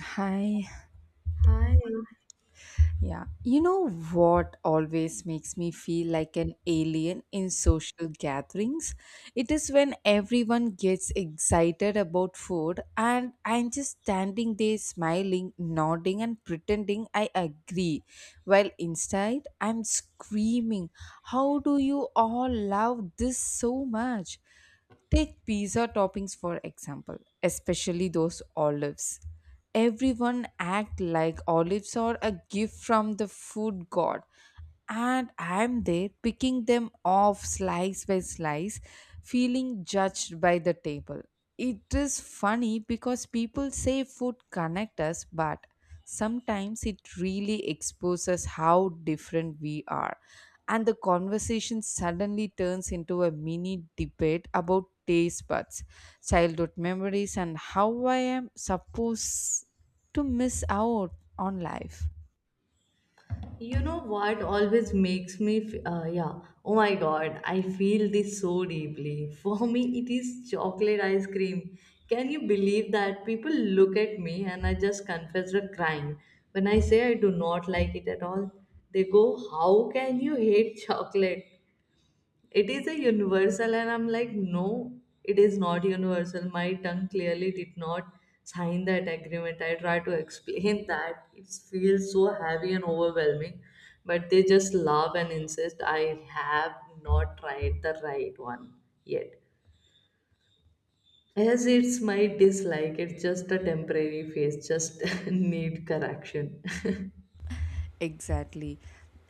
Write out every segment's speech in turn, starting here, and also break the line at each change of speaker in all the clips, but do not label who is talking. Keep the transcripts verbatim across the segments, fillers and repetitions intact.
Hi.
Hi.
Yeah. You know what always makes me feel like an alien in social gatherings? It is when everyone gets excited about food and I'm just standing there smiling, nodding, and pretending I agree. While inside, I'm screaming, how do you all love this so much? Take pizza toppings for example, especially those olives. Everyone act like olives are a gift from the food god, and I'm there picking them off slice by slice, feeling judged by the table. It is funny because people say food connect us, but sometimes it really exposes how different we are. And the conversation suddenly turns into a mini debate about taste buds, childhood memories, and how I am supposed to miss out on life.
You know what always makes me, f- uh, yeah. Oh my God, I feel this so deeply. For me, it is chocolate ice cream. Can you believe that people look at me and I just confess the crime when I say I do not like it at all? They go, how can you hate chocolate? It is a universal, and I'm like, no, it is not universal. My tongue clearly did not sign that agreement. I try to explain that. It feels so heavy and overwhelming, but they just laugh and insist I have not tried the right one yet. As it's my dislike, it's just a temporary phase, just need correction.
Exactly.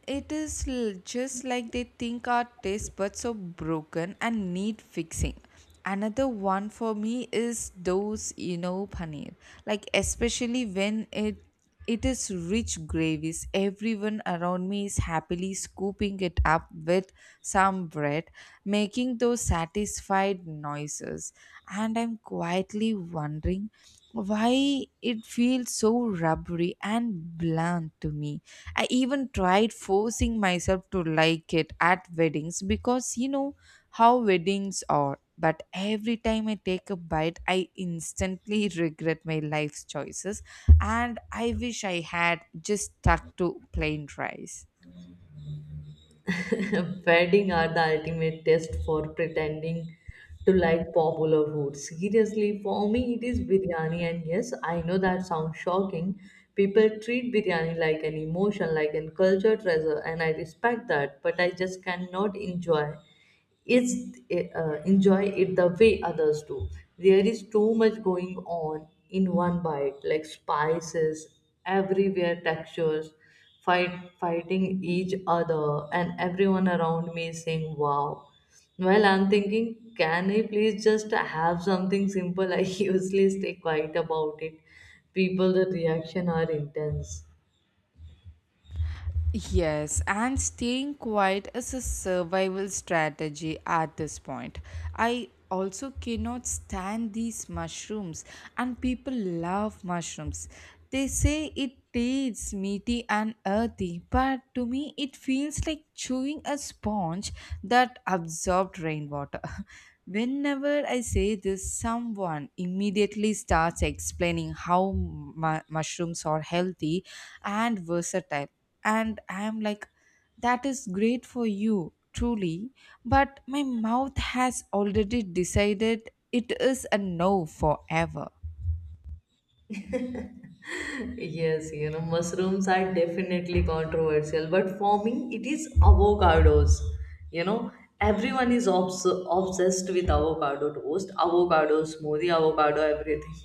It is l- just like they think our taste buds are broken and need fixing. Another one for me is those, you know, paneer. Like, especially when it it is rich gravies. Everyone around me is happily scooping it up with some bread, making those satisfied noises, and I'm quietly wondering why it feels so rubbery and bland to me. I even tried forcing myself to like it at weddings, because you know how weddings are. But every time I take a bite, I instantly regret my life's choices, and I wish I had just stuck to plain rice.
Wedding are the ultimate test for pretending to like popular food. Seriously, for me it is biryani and yes, I know that sounds shocking. People treat biryani like an emotion, like a culture treasure and I respect that, but I just cannot enjoy is eh, uh, enjoy it the way others do. There is too much going on in one bite, like spices everywhere, textures fight fighting each other and everyone around me is saying wow, while I'm thinking, can I please just have something simple? I usually stay quiet about it, people the reaction are intense.
Yes, and staying quiet is a survival strategy at this point. I also cannot stand these mushrooms, and people love mushrooms. They say it tastes meaty and earthy, but to me, it feels like chewing a sponge that absorbed rainwater. Whenever I say this, someone immediately starts explaining how mu- mushrooms are healthy and versatile. And I'm like, that is great for you, truly. But my mouth has already decided it is a no forever.
Yes, you know, mushrooms are definitely controversial, but for me, it is avocados. You know, everyone is obs- obsessed with avocado toast, avocado smoothie, avocado everything.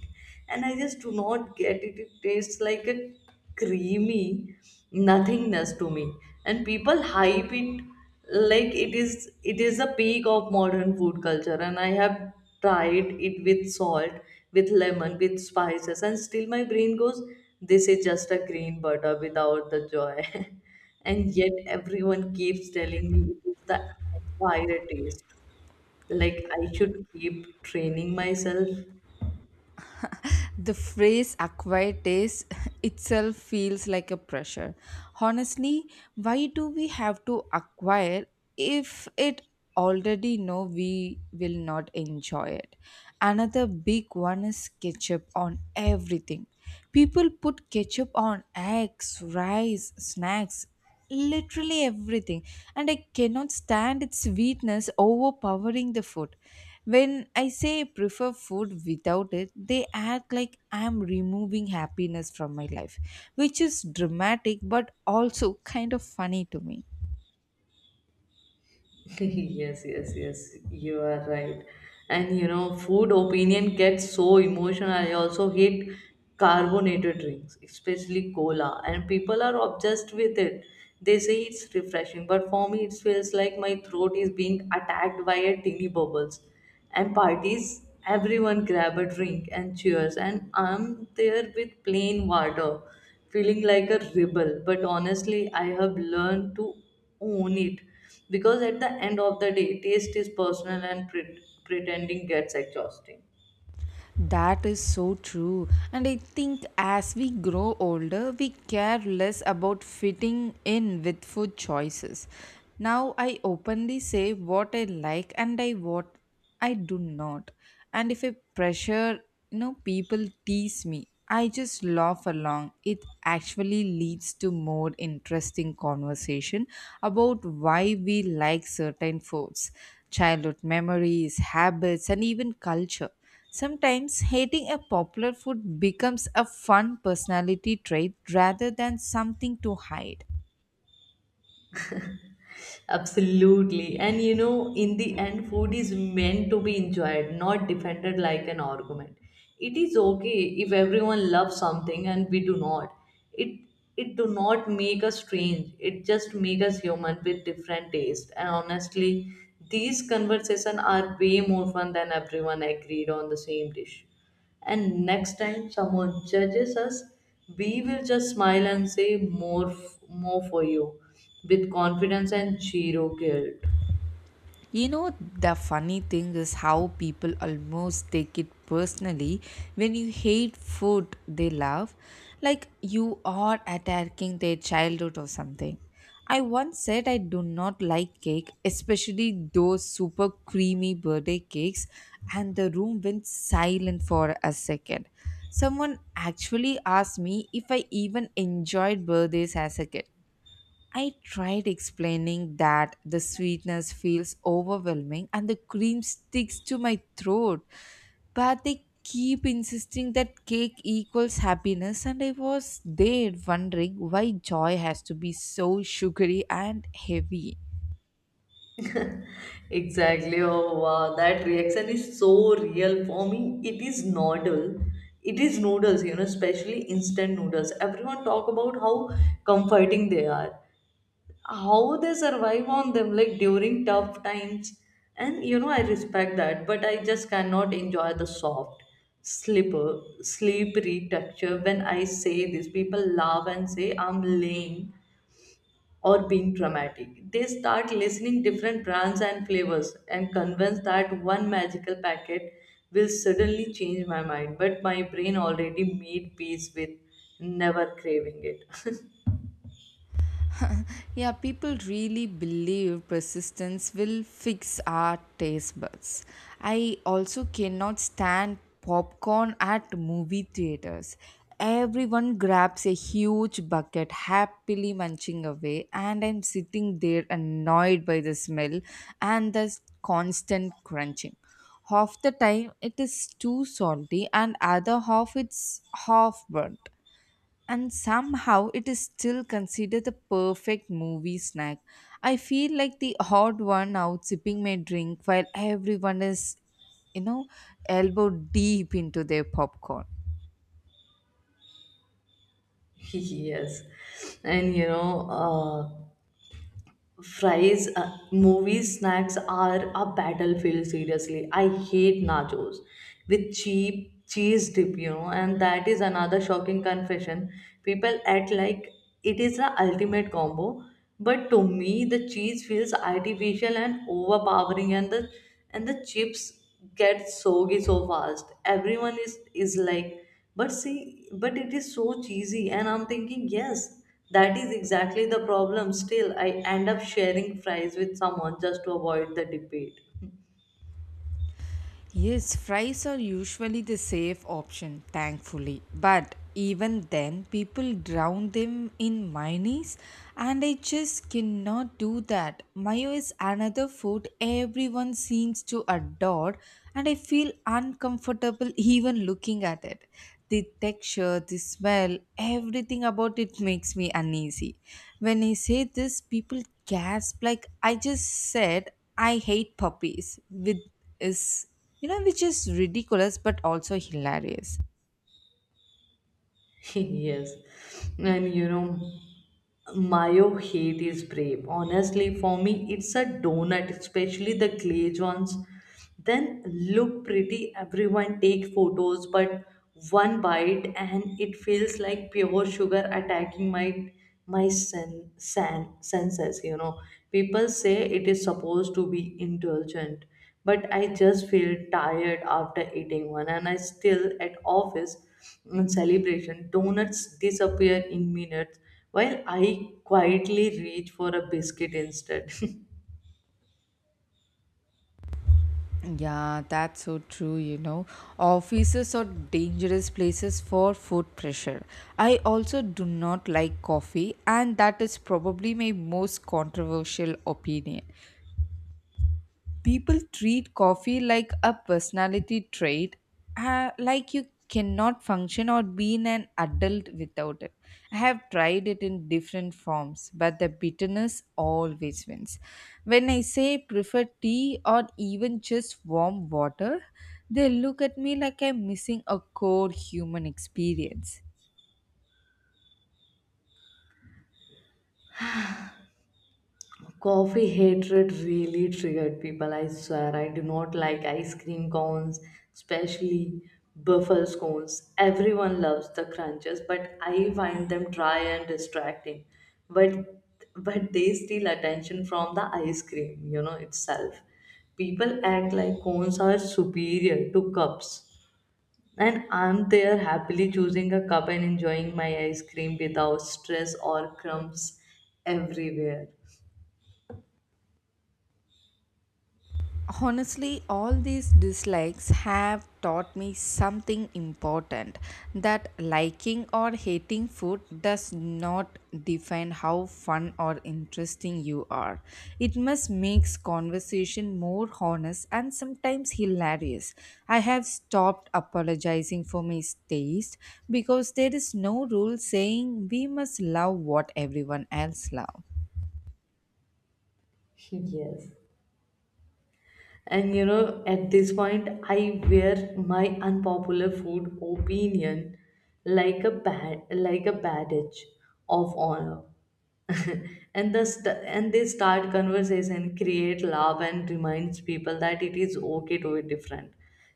And I just do not get it. It tastes like a creamy nothingness to me. And people hype it like it is it is the peak of modern food culture, and I have tried it with salt, with lemon, with spices, and still my brain goes, this is just a green butter without the joy. And yet everyone keeps telling me it is the acquired taste, like I should keep training myself.
The phrase acquired taste itself feels like a pressure. Honestly, why do we have to acquire if it already know we will not enjoy it? Another big one is ketchup on everything. People put ketchup on eggs, rice, snacks, literally everything, and I cannot stand its sweetness overpowering the food. When I say I prefer food without it, they act like I am removing happiness from my life, which is dramatic but also kind of funny to me.
yes, yes, yes, you are right. And you know, food opinion gets so emotional. I also hate carbonated drinks, especially cola, and people are obsessed with it. They say it's refreshing, but for me, it feels like my throat is being attacked by a teeny bubbles. And parties, everyone grab a drink and cheers, and I'm there with plain water, feeling like a rebel. But honestly, I have learned to own it, because at the end of the day, taste is personal and pre- pretending gets exhausting.
That is so true. And I think as we grow older, we care less about fitting in with food choices. Now I openly say what I like and I what I do not. And if I pressure, you know, people tease me, I just laugh along. It actually leads to more interesting conversation about why we like certain foods, childhood memories, habits, and even culture. Sometimes hating a popular food becomes a fun personality trait rather than something to hide.
Absolutely. And you know, in the end, food is meant to be enjoyed, not defended like an argument. It is okay if everyone loves something and we do not. It it do not make us strange. It just make us human with different taste. And honestly, these conversations are way more fun than everyone agreed on the same dish. And next time someone judges us, we will just smile and say, more, f- more for you, with confidence and zero guilt.
You know, the funny thing is how people almost take it personally when you hate food they love, like you are attacking their childhood or something. I once said I do not like cake, especially those super creamy birthday cakes, and the room went silent for a second. Someone actually asked me if I even enjoyed birthdays as a kid. I tried explaining that the sweetness feels overwhelming and the cream sticks to my throat, but they keep insisting that cake equals happiness, and I was there wondering why joy has to be so sugary and heavy.
Exactly. Oh wow, that reaction is so real for me. It is noodle. It is noodles, you know, especially instant noodles. Everyone talk about how comforting they are, how they survive on them like during tough times. And you know, I respect that, but I just cannot enjoy the soft slipper slippery texture. When I say this, people laugh and say I'm lame or being dramatic. They start listening different brands and flavors and convinced that one magical packet will suddenly change my mind, but my brain already made peace with never craving it.
Yeah, people really believe persistence will fix our taste buds. I also cannot stand popcorn at movie theaters. Everyone grabs a huge bucket, happily munching away, and I'm sitting there annoyed by the smell and the constant crunching. Half the time it is too salty, and other half it's half burnt, and somehow it is still considered the perfect movie snack. I feel like the odd one out sipping my drink while everyone is, you know, elbow deep into their popcorn.
Yes, and you know, uh, fries, uh, movie snacks are a battlefield. Seriously, I hate nachos with cheap cheese dip, you know, and that is another shocking confession. People act like it is the ultimate combo, but to me, the cheese feels artificial and overpowering, and the and the chips get soggy so fast. Everyone is is like, but see, but it is so cheesy, and I'm thinking, yes, that is exactly the problem. Still, I end up sharing fries with someone just to avoid the debate.
Yes, fries are usually the safe option, thankfully. But even then, people drown them in mayonnaise, and I just cannot do that. Mayo is another food everyone seems to adore, and I feel uncomfortable even looking at it. The texture, the smell, everything about it makes me uneasy. When I say this, people gasp like I just said, I hate puppies with is you know, which is ridiculous but also hilarious.
Yes. And you know, mayo hate is brave. Honestly, for me, it's a donut, especially the glazed ones. Then look pretty, everyone take photos, but one bite and it feels like pure sugar attacking my my sen, sen, senses. You know, people say it is supposed to be indulgent, but I just feel tired after eating one, and I still at office. In celebration, donuts disappear in minutes, while I quietly reach for a biscuit instead.
Yeah, that's so true, you know. Offices are dangerous places for food pressure. I also do not like coffee, and that is probably my most controversial opinion. People treat coffee like a personality trait, uh, like you cannot function or be an adult without it. I have tried it in different forms, but the bitterness always wins. When I say prefer tea or even just warm water, they look at me like I'm missing a core human experience.
Coffee hatred really triggered people, I swear. I do not like ice cream cones, especially buffalo cones. Everyone loves the crunches, but I find them dry and distracting. But but they steal attention from the ice cream, you know, itself. People act like cones are superior to cups. And I'm there happily choosing a cup and enjoying my ice cream without stress or crumbs everywhere.
Honestly, all these dislikes have taught me something important, that liking or hating food does not define how fun or interesting you are. It must makes conversation more honest and sometimes hilarious. I have stopped apologizing for my taste, because there is no rule saying we must love what everyone else loves.
Yes. And you know, at this point, I wear my unpopular food opinion like a bad, like a badge of honor. And the st- and they start conversation, create love, and reminds people that it is okay to be different.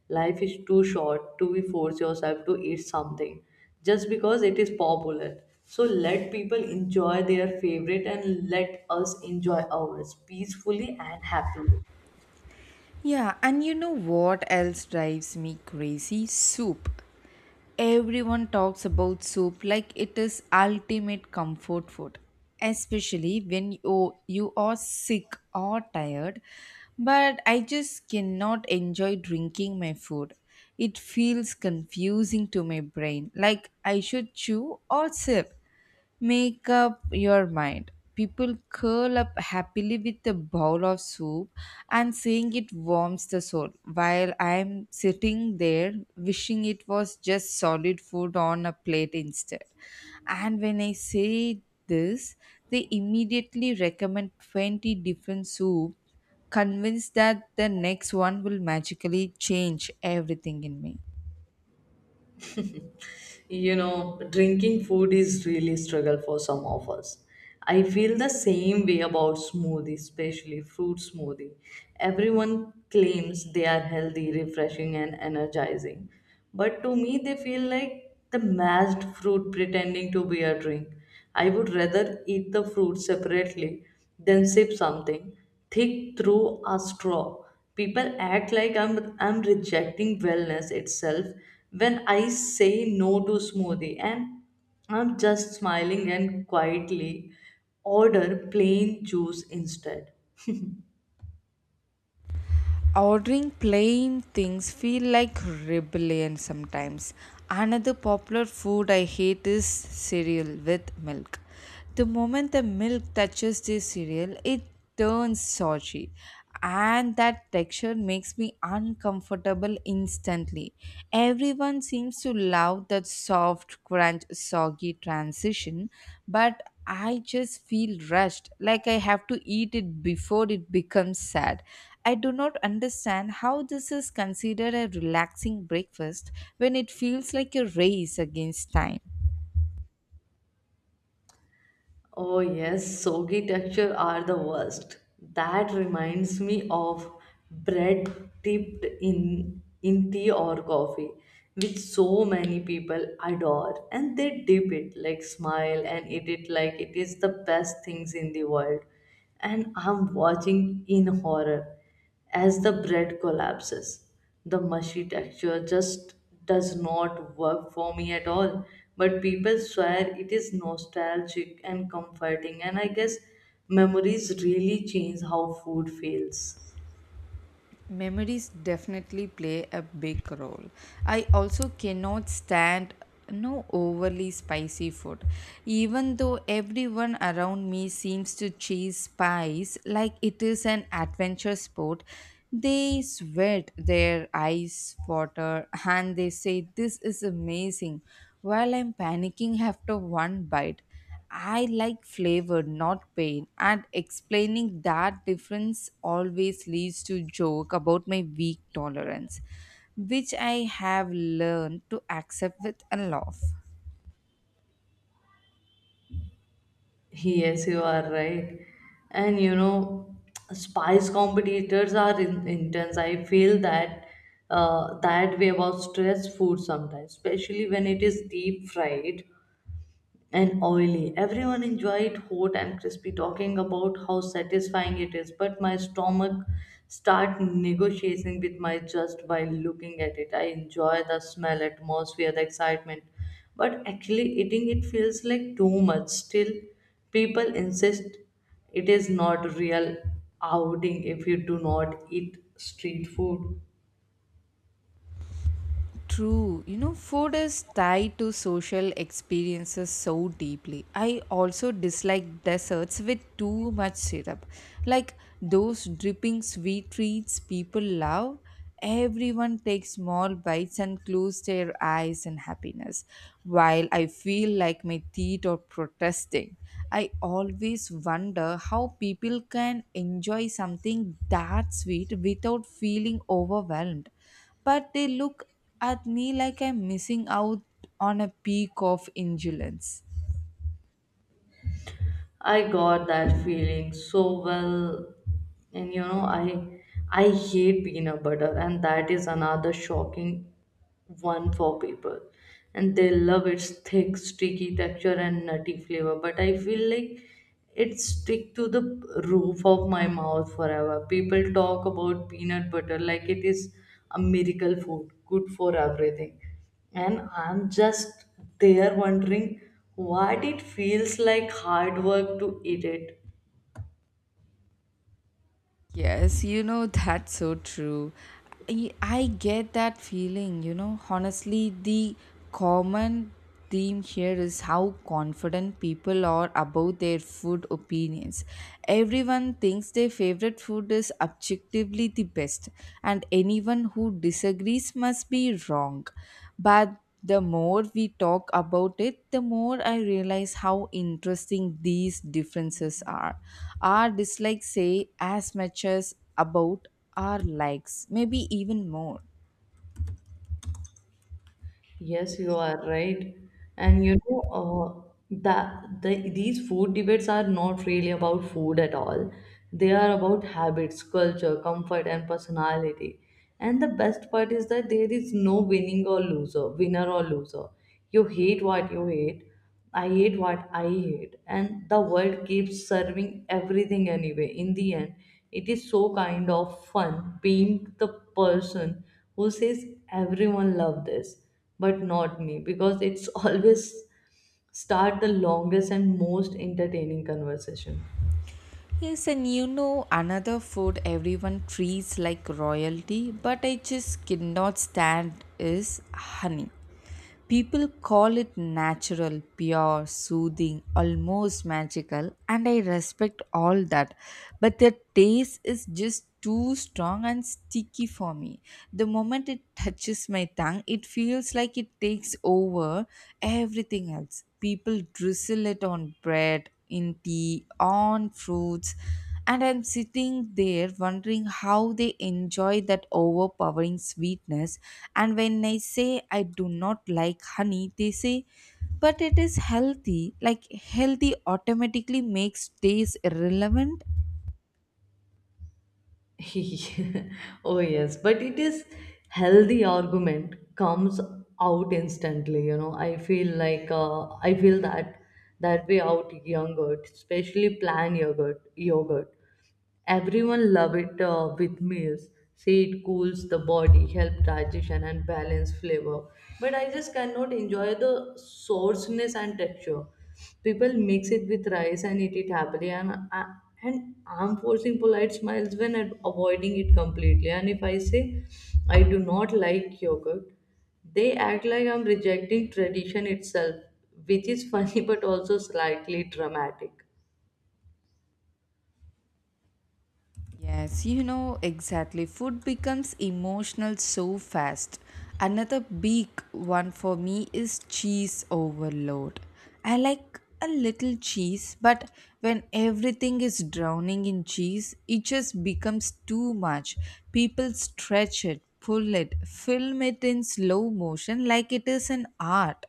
Life is too short to be force yourself to eat something just because it is popular. So let people enjoy their favorite and let us enjoy ours peacefully and happily.
Yeah, and you know what else drives me crazy? Soup. Everyone talks about soup like it is ultimate comfort food, especially when you, you are sick or tired. But I just cannot enjoy drinking my food. It feels confusing to my brain, like I should chew or sip. Make up your mind. People curl up happily with a bowl of soup and saying it warms the soul, while I'm sitting there wishing it was just solid food on a plate instead. And when I say this, they immediately recommend twenty different soup, convinced that the next one will magically change everything in me.
You know, drinking food is really struggle for some of us. I feel the same way about smoothie, especially fruit smoothie. Everyone claims they are healthy, refreshing, and energizing, but to me they feel like the mashed fruit pretending to be a drink. I would rather eat the fruit separately than sip something thick through a straw. People act like I'm, I'm rejecting wellness itself when I say no to smoothie, and I'm just smiling and quietly order plain juice instead.
Ordering plain things feel like rebellion sometimes. Another popular food I hate is cereal with milk. The moment the milk touches the cereal, it turns soggy, and that texture makes me uncomfortable instantly. Everyone seems to love that soft, crunch, soggy transition, but I just feel rushed, like I have to eat it before it becomes sad. I do not understand how this is considered a relaxing breakfast when it feels like a race against time.
Oh yes, soggy texture are the worst. That reminds me of bread dipped in in tea or coffee, which so many people adore, and they dip it like smile and eat it like it is the best things in the world. And I'm watching in horror as the bread collapses, the mushy texture just does not work for me at all. But people swear it is nostalgic and comforting, and I guess memories really change how food feels.
Memories definitely play a big role. I also cannot stand no overly spicy food, even though everyone around me seems to chase spice like it is an adventure sport. They sweat, their eyes water, and they say this is amazing, while I'm panicking after one bite. I like flavor, not pain, and explaining that difference always leads to joke about my weak tolerance, which I have learned to accept with a laugh.
Yes, you are right. And you know, spice competitors are in, intense. I feel that uh, that way about stress food sometimes, especially when it is deep fried and oily. Everyone enjoyed hot and crispy, talking about how satisfying it is. But my stomach start negotiating with my just while looking at it. I enjoy the smell, atmosphere, the excitement, but actually eating it feels like too much. Still, people insist it is not real outing if you do not eat street food.
True. You know, food is tied to social experiences so deeply. I also dislike desserts with too much syrup. Like those dripping sweet treats people love. Everyone takes small bites and close their eyes in happiness. While I feel like my teeth are protesting, I always wonder how people can enjoy something that sweet without feeling overwhelmed, but they look at me like I'm missing out on a peak of indulgence.
I got that feeling so well. And you know, I I hate peanut butter, and that is another shocking one for people. And they love its thick sticky texture and nutty flavor, but I feel like it stick to the roof of my mouth forever. People talk about peanut butter like it is a miracle food, good for everything, and I'm just there wondering what it feels like hard work to eat it.
Yes, you know, that's so true. I, I get that feeling, you know. Honestly, the common theme here is how confident people are about their food opinions. Everyone thinks their favorite food is objectively the best, and anyone who disagrees must be wrong. But the more we talk about it, the more I realize how interesting these differences are. Our dislikes say as much as about our likes, maybe even more.
Yes, you are right. And you know, uh, that the, these food debates are not really about food at all. They are about habits, culture, comfort, and personality. And the best part is that there is no winning or loser, winner or loser. You hate what you hate, I hate what I hate, and the world keeps serving everything anyway. In the end, it is so kind of fun being the person who says, everyone love this, but not me, because it's always start the longest and most entertaining conversation.
Yes, and you know another food everyone treats like royalty but I just cannot stand is honey. People call it natural, pure, soothing, almost magical, and I respect all that. But the taste is just too strong and sticky for me. The moment it touches my tongue, it feels like it takes over everything else. People drizzle it on bread, in tea, on fruits, and I'm sitting there wondering how they enjoy that overpowering sweetness. And when I say I do not like honey, they say, but it is healthy. Like, healthy automatically makes taste irrelevant.
Oh yes, but it is healthy argument comes out instantly. You know, I feel like uh, I feel that that way out yogurt, especially plain yogurt yogurt. Everyone love it uh, with meals, say it cools the body, help digestion and balance flavor, but I just cannot enjoy the sourceness and texture. People mix it with rice and eat it happily. And, I- and I'm forcing polite smiles when I'm avoiding it completely. And if I say, I do not like yogurt, they act like I'm rejecting tradition itself, which is funny, but also slightly dramatic.
Yes, you know exactly. Food becomes emotional so fast. Another big one for me is cheese overload. I like a little cheese, but when everything is drowning in cheese, it just becomes too much. People stretch it, pull it, film it in slow motion like it is an art,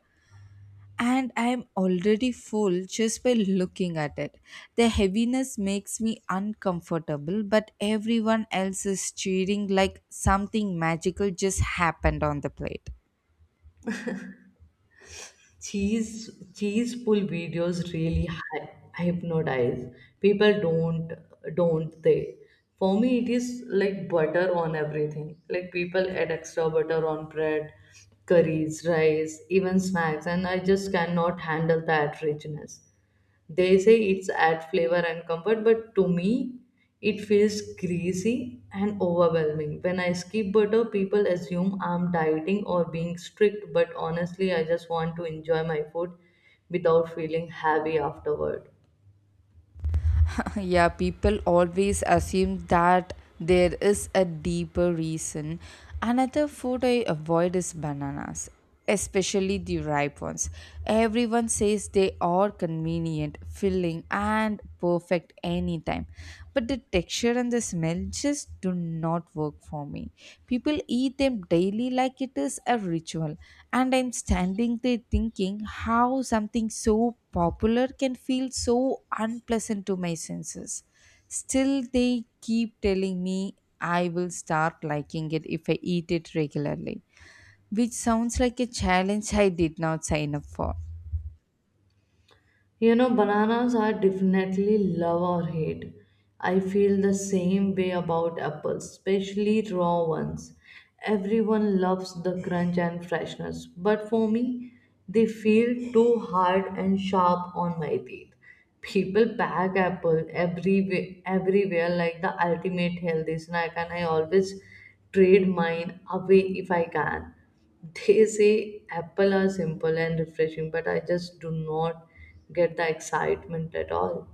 and I'm already full just by looking at it. The heaviness makes me uncomfortable, but everyone else is cheering like something magical just happened on the plate.
cheese cheese pull videos really hy- hypnotize people, don't don't they? For me, it is like butter on everything. Like people add extra butter on bread, curries, rice, even snacks, and I just cannot handle that richness. They say it's add flavor and comfort, but to me, it feels greasy and overwhelming. When I skip butter, people assume I'm dieting or being strict, but honestly, I just want to enjoy my food without feeling heavy afterward.
Yeah, people always assume that there is a deeper reason. Another food I avoid is bananas, especially the ripe ones. Everyone says they are convenient, filling, and perfect anytime, but the texture and the smell just do not work for me. People eat them daily like it is a ritual. And I'm standing there thinking how something so popular can feel so unpleasant to my senses. Still, they keep telling me I will start liking it if I eat it regularly, which sounds like a challenge I did not sign up for.
You know, bananas are definitely love or hate. I feel the same way about apples, especially raw ones. Everyone loves the crunch and freshness, but for me, they feel too hard and sharp on my teeth. People pack apple everywhere, everywhere like the ultimate healthy snack, and I always trade mine away if I can. They say apple are simple and refreshing, but I just do not get the excitement at all.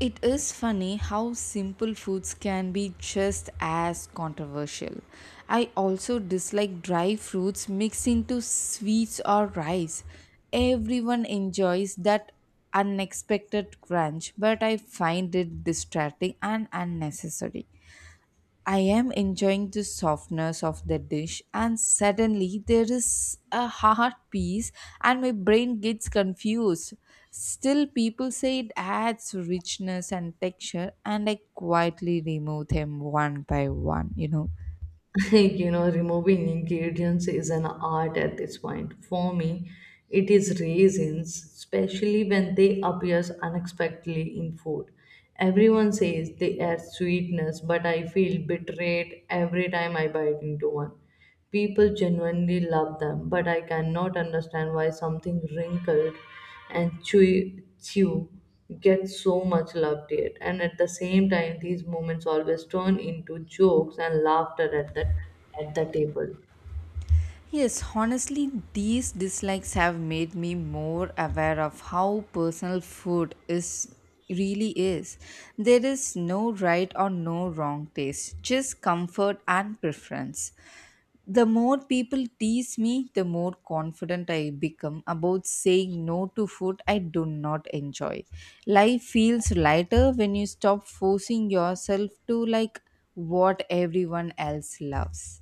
It is funny how simple foods can be just as controversial. I also dislike dry fruits mixed into sweets or rice. Everyone enjoys that unexpected crunch, but I find it distracting and unnecessary. I am enjoying the softness of the dish, and suddenly there is a hard piece, and my brain gets confused. Still, people say it adds richness and texture, and I quietly remove them one by one, you know.
You know, removing ingredients is an art at this point. For me, it is raisins, especially when they appear unexpectedly in food. Everyone says they add sweetness, but I feel betrayed every time I bite into one. People genuinely love them, but I cannot understand why something wrinkled and chewy, chew gets so much love yet. And at the same time, these moments always turn into jokes and laughter at the at the table.
Yes, honestly, these dislikes have made me more aware of how personal food is really is. There is no right or no wrong taste, just comfort and preference. The more people tease me, the more confident I become about saying no to food I do not enjoy. Life feels lighter when you stop forcing yourself to like what everyone else loves.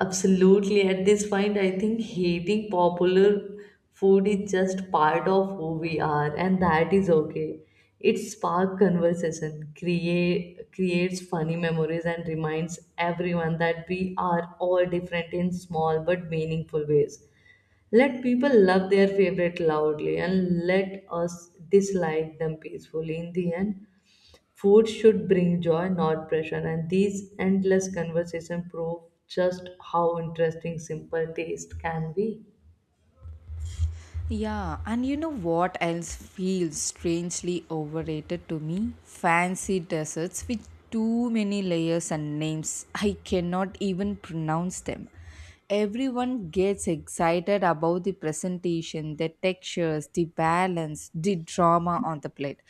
Absolutely. At this point, I think hating popular food is just part of who we are, and that is okay. It sparks conversation, create creates funny memories, and reminds everyone that we are all different in small but meaningful ways. Let people love their favorite loudly, and let us dislike them peacefully in the end. Food should bring joy, not pressure, and these endless conversations prove just how interesting simple taste can be.
Yeah, and you know what else feels strangely overrated to me? Fancy desserts with too many layers and names. I cannot even pronounce them. Everyone gets excited about the presentation, the textures, the balance, the drama on the plate.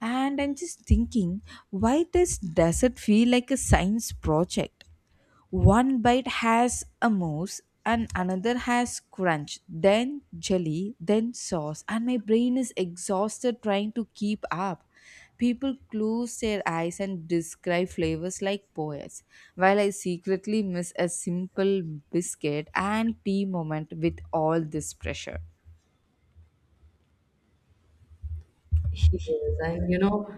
And I'm just thinking, why does dessert feel like a science project? One bite has a mousse and another has crunch, then jelly, then sauce, and my brain is exhausted trying to keep up. People close their eyes and describe flavors like poets, while I secretly miss a simple biscuit and tea moment with all this pressure.
He is. And you know,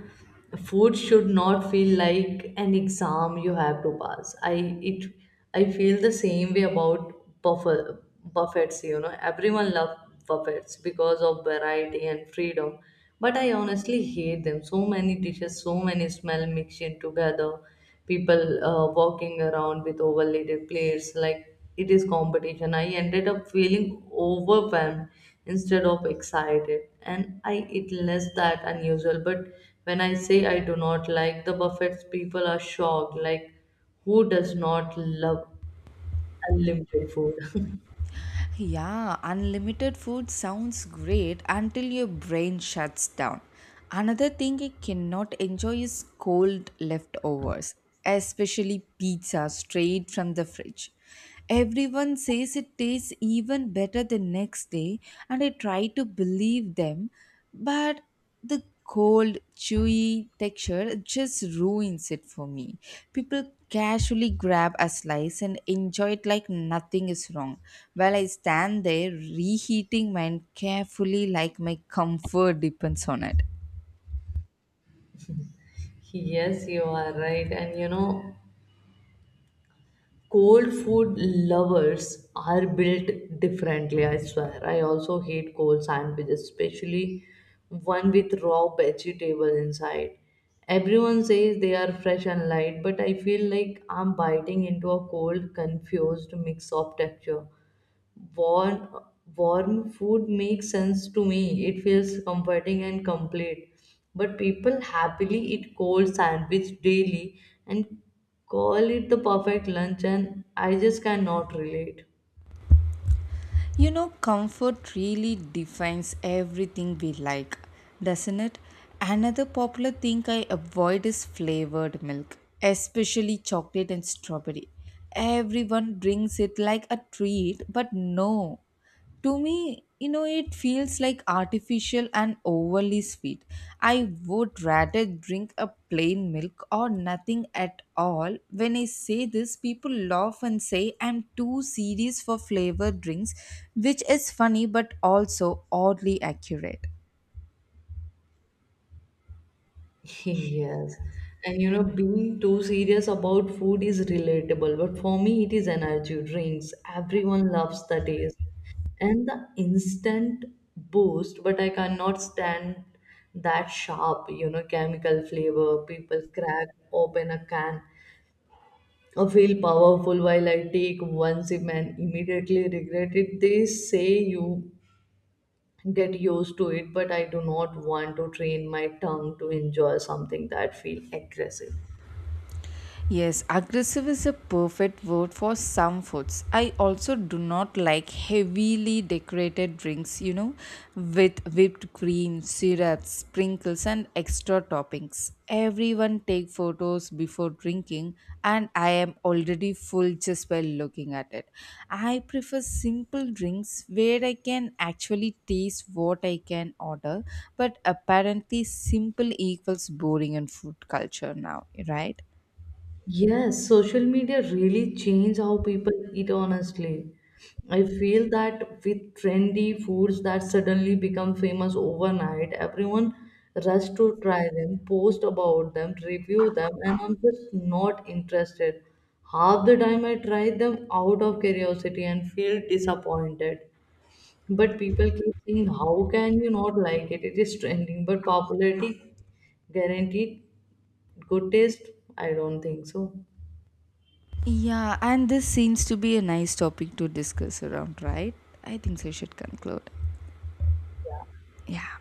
food should not feel like an exam you have to pass. I it I feel the same way about buffet buffets, you know. Everyone loves buffets because of variety and freedom. But I honestly hate them. So many dishes, so many smell mixed in together. People uh, walking around with overlaid plates like it is competition. I ended up feeling overwhelmed instead of excited, and I eat less that unusual. But when I say I do not like the buffets, people are shocked like who does not love unlimited food.
Yeah, unlimited food sounds great until your brain shuts down. Another thing I cannot enjoy is cold leftovers, especially pizza straight from the fridge. Everyone says it tastes even better the next day, and I try to believe them, but the cold, chewy texture just ruins it for me. People casually grab a slice and enjoy it like nothing is wrong, while I stand there reheating mine carefully like my comfort depends on it.
Yes, you are right. And you know, cold food lovers are built differently, I swear. I also hate cold sandwiches, especially one with raw vegetable inside. Everyone says they are fresh and light, but I feel like I'm biting into a cold confused mix of texture. warm Warm food makes sense to me. It feels comforting and complete. But people happily eat cold sandwich daily and call it the perfect lunch, and I just cannot relate.
You know, comfort really defines everything we like, doesn't it? Another popular thing I avoid is flavored milk, especially chocolate and strawberry. Everyone drinks it like a treat, but no, to me, you know, it feels like artificial and overly sweet. I would rather drink a plain milk or nothing at all. When I say this, people laugh and say I'm too serious for flavored drinks, which is funny but also oddly accurate.
Yes. And you know, being too serious about food is relatable, but for me, it is energy drinks. Everyone loves the taste and the instant boost, but I cannot stand that sharp, you know, chemical flavor. People crack open a can or feel powerful while I take one sip and immediately regret it. They say you get used to it, but I do not want to train my tongue to enjoy something that feel aggressive.
Yes, aggressive is a perfect word for some foods. I also do not like heavily decorated drinks, you know, with whipped cream, syrup, sprinkles, and extra toppings. Everyone take photos before drinking, and I am already full just by looking at it. I prefer simple drinks where I can actually taste what I can order, but apparently simple equals boring in food culture now, right?
Yes, social media really change how people eat, honestly. I feel that with trendy foods that suddenly become famous overnight, everyone rush to try them, post about them, review them, and I'm just not interested. Half the time I try them out of curiosity and feel disappointed. But people keep saying, how can you not like it? It is trending. But popularity guaranteed good taste? I don't think so.
Yeah, and this seems to be a nice topic to discuss around, right? I think so, we should conclude. Yeah.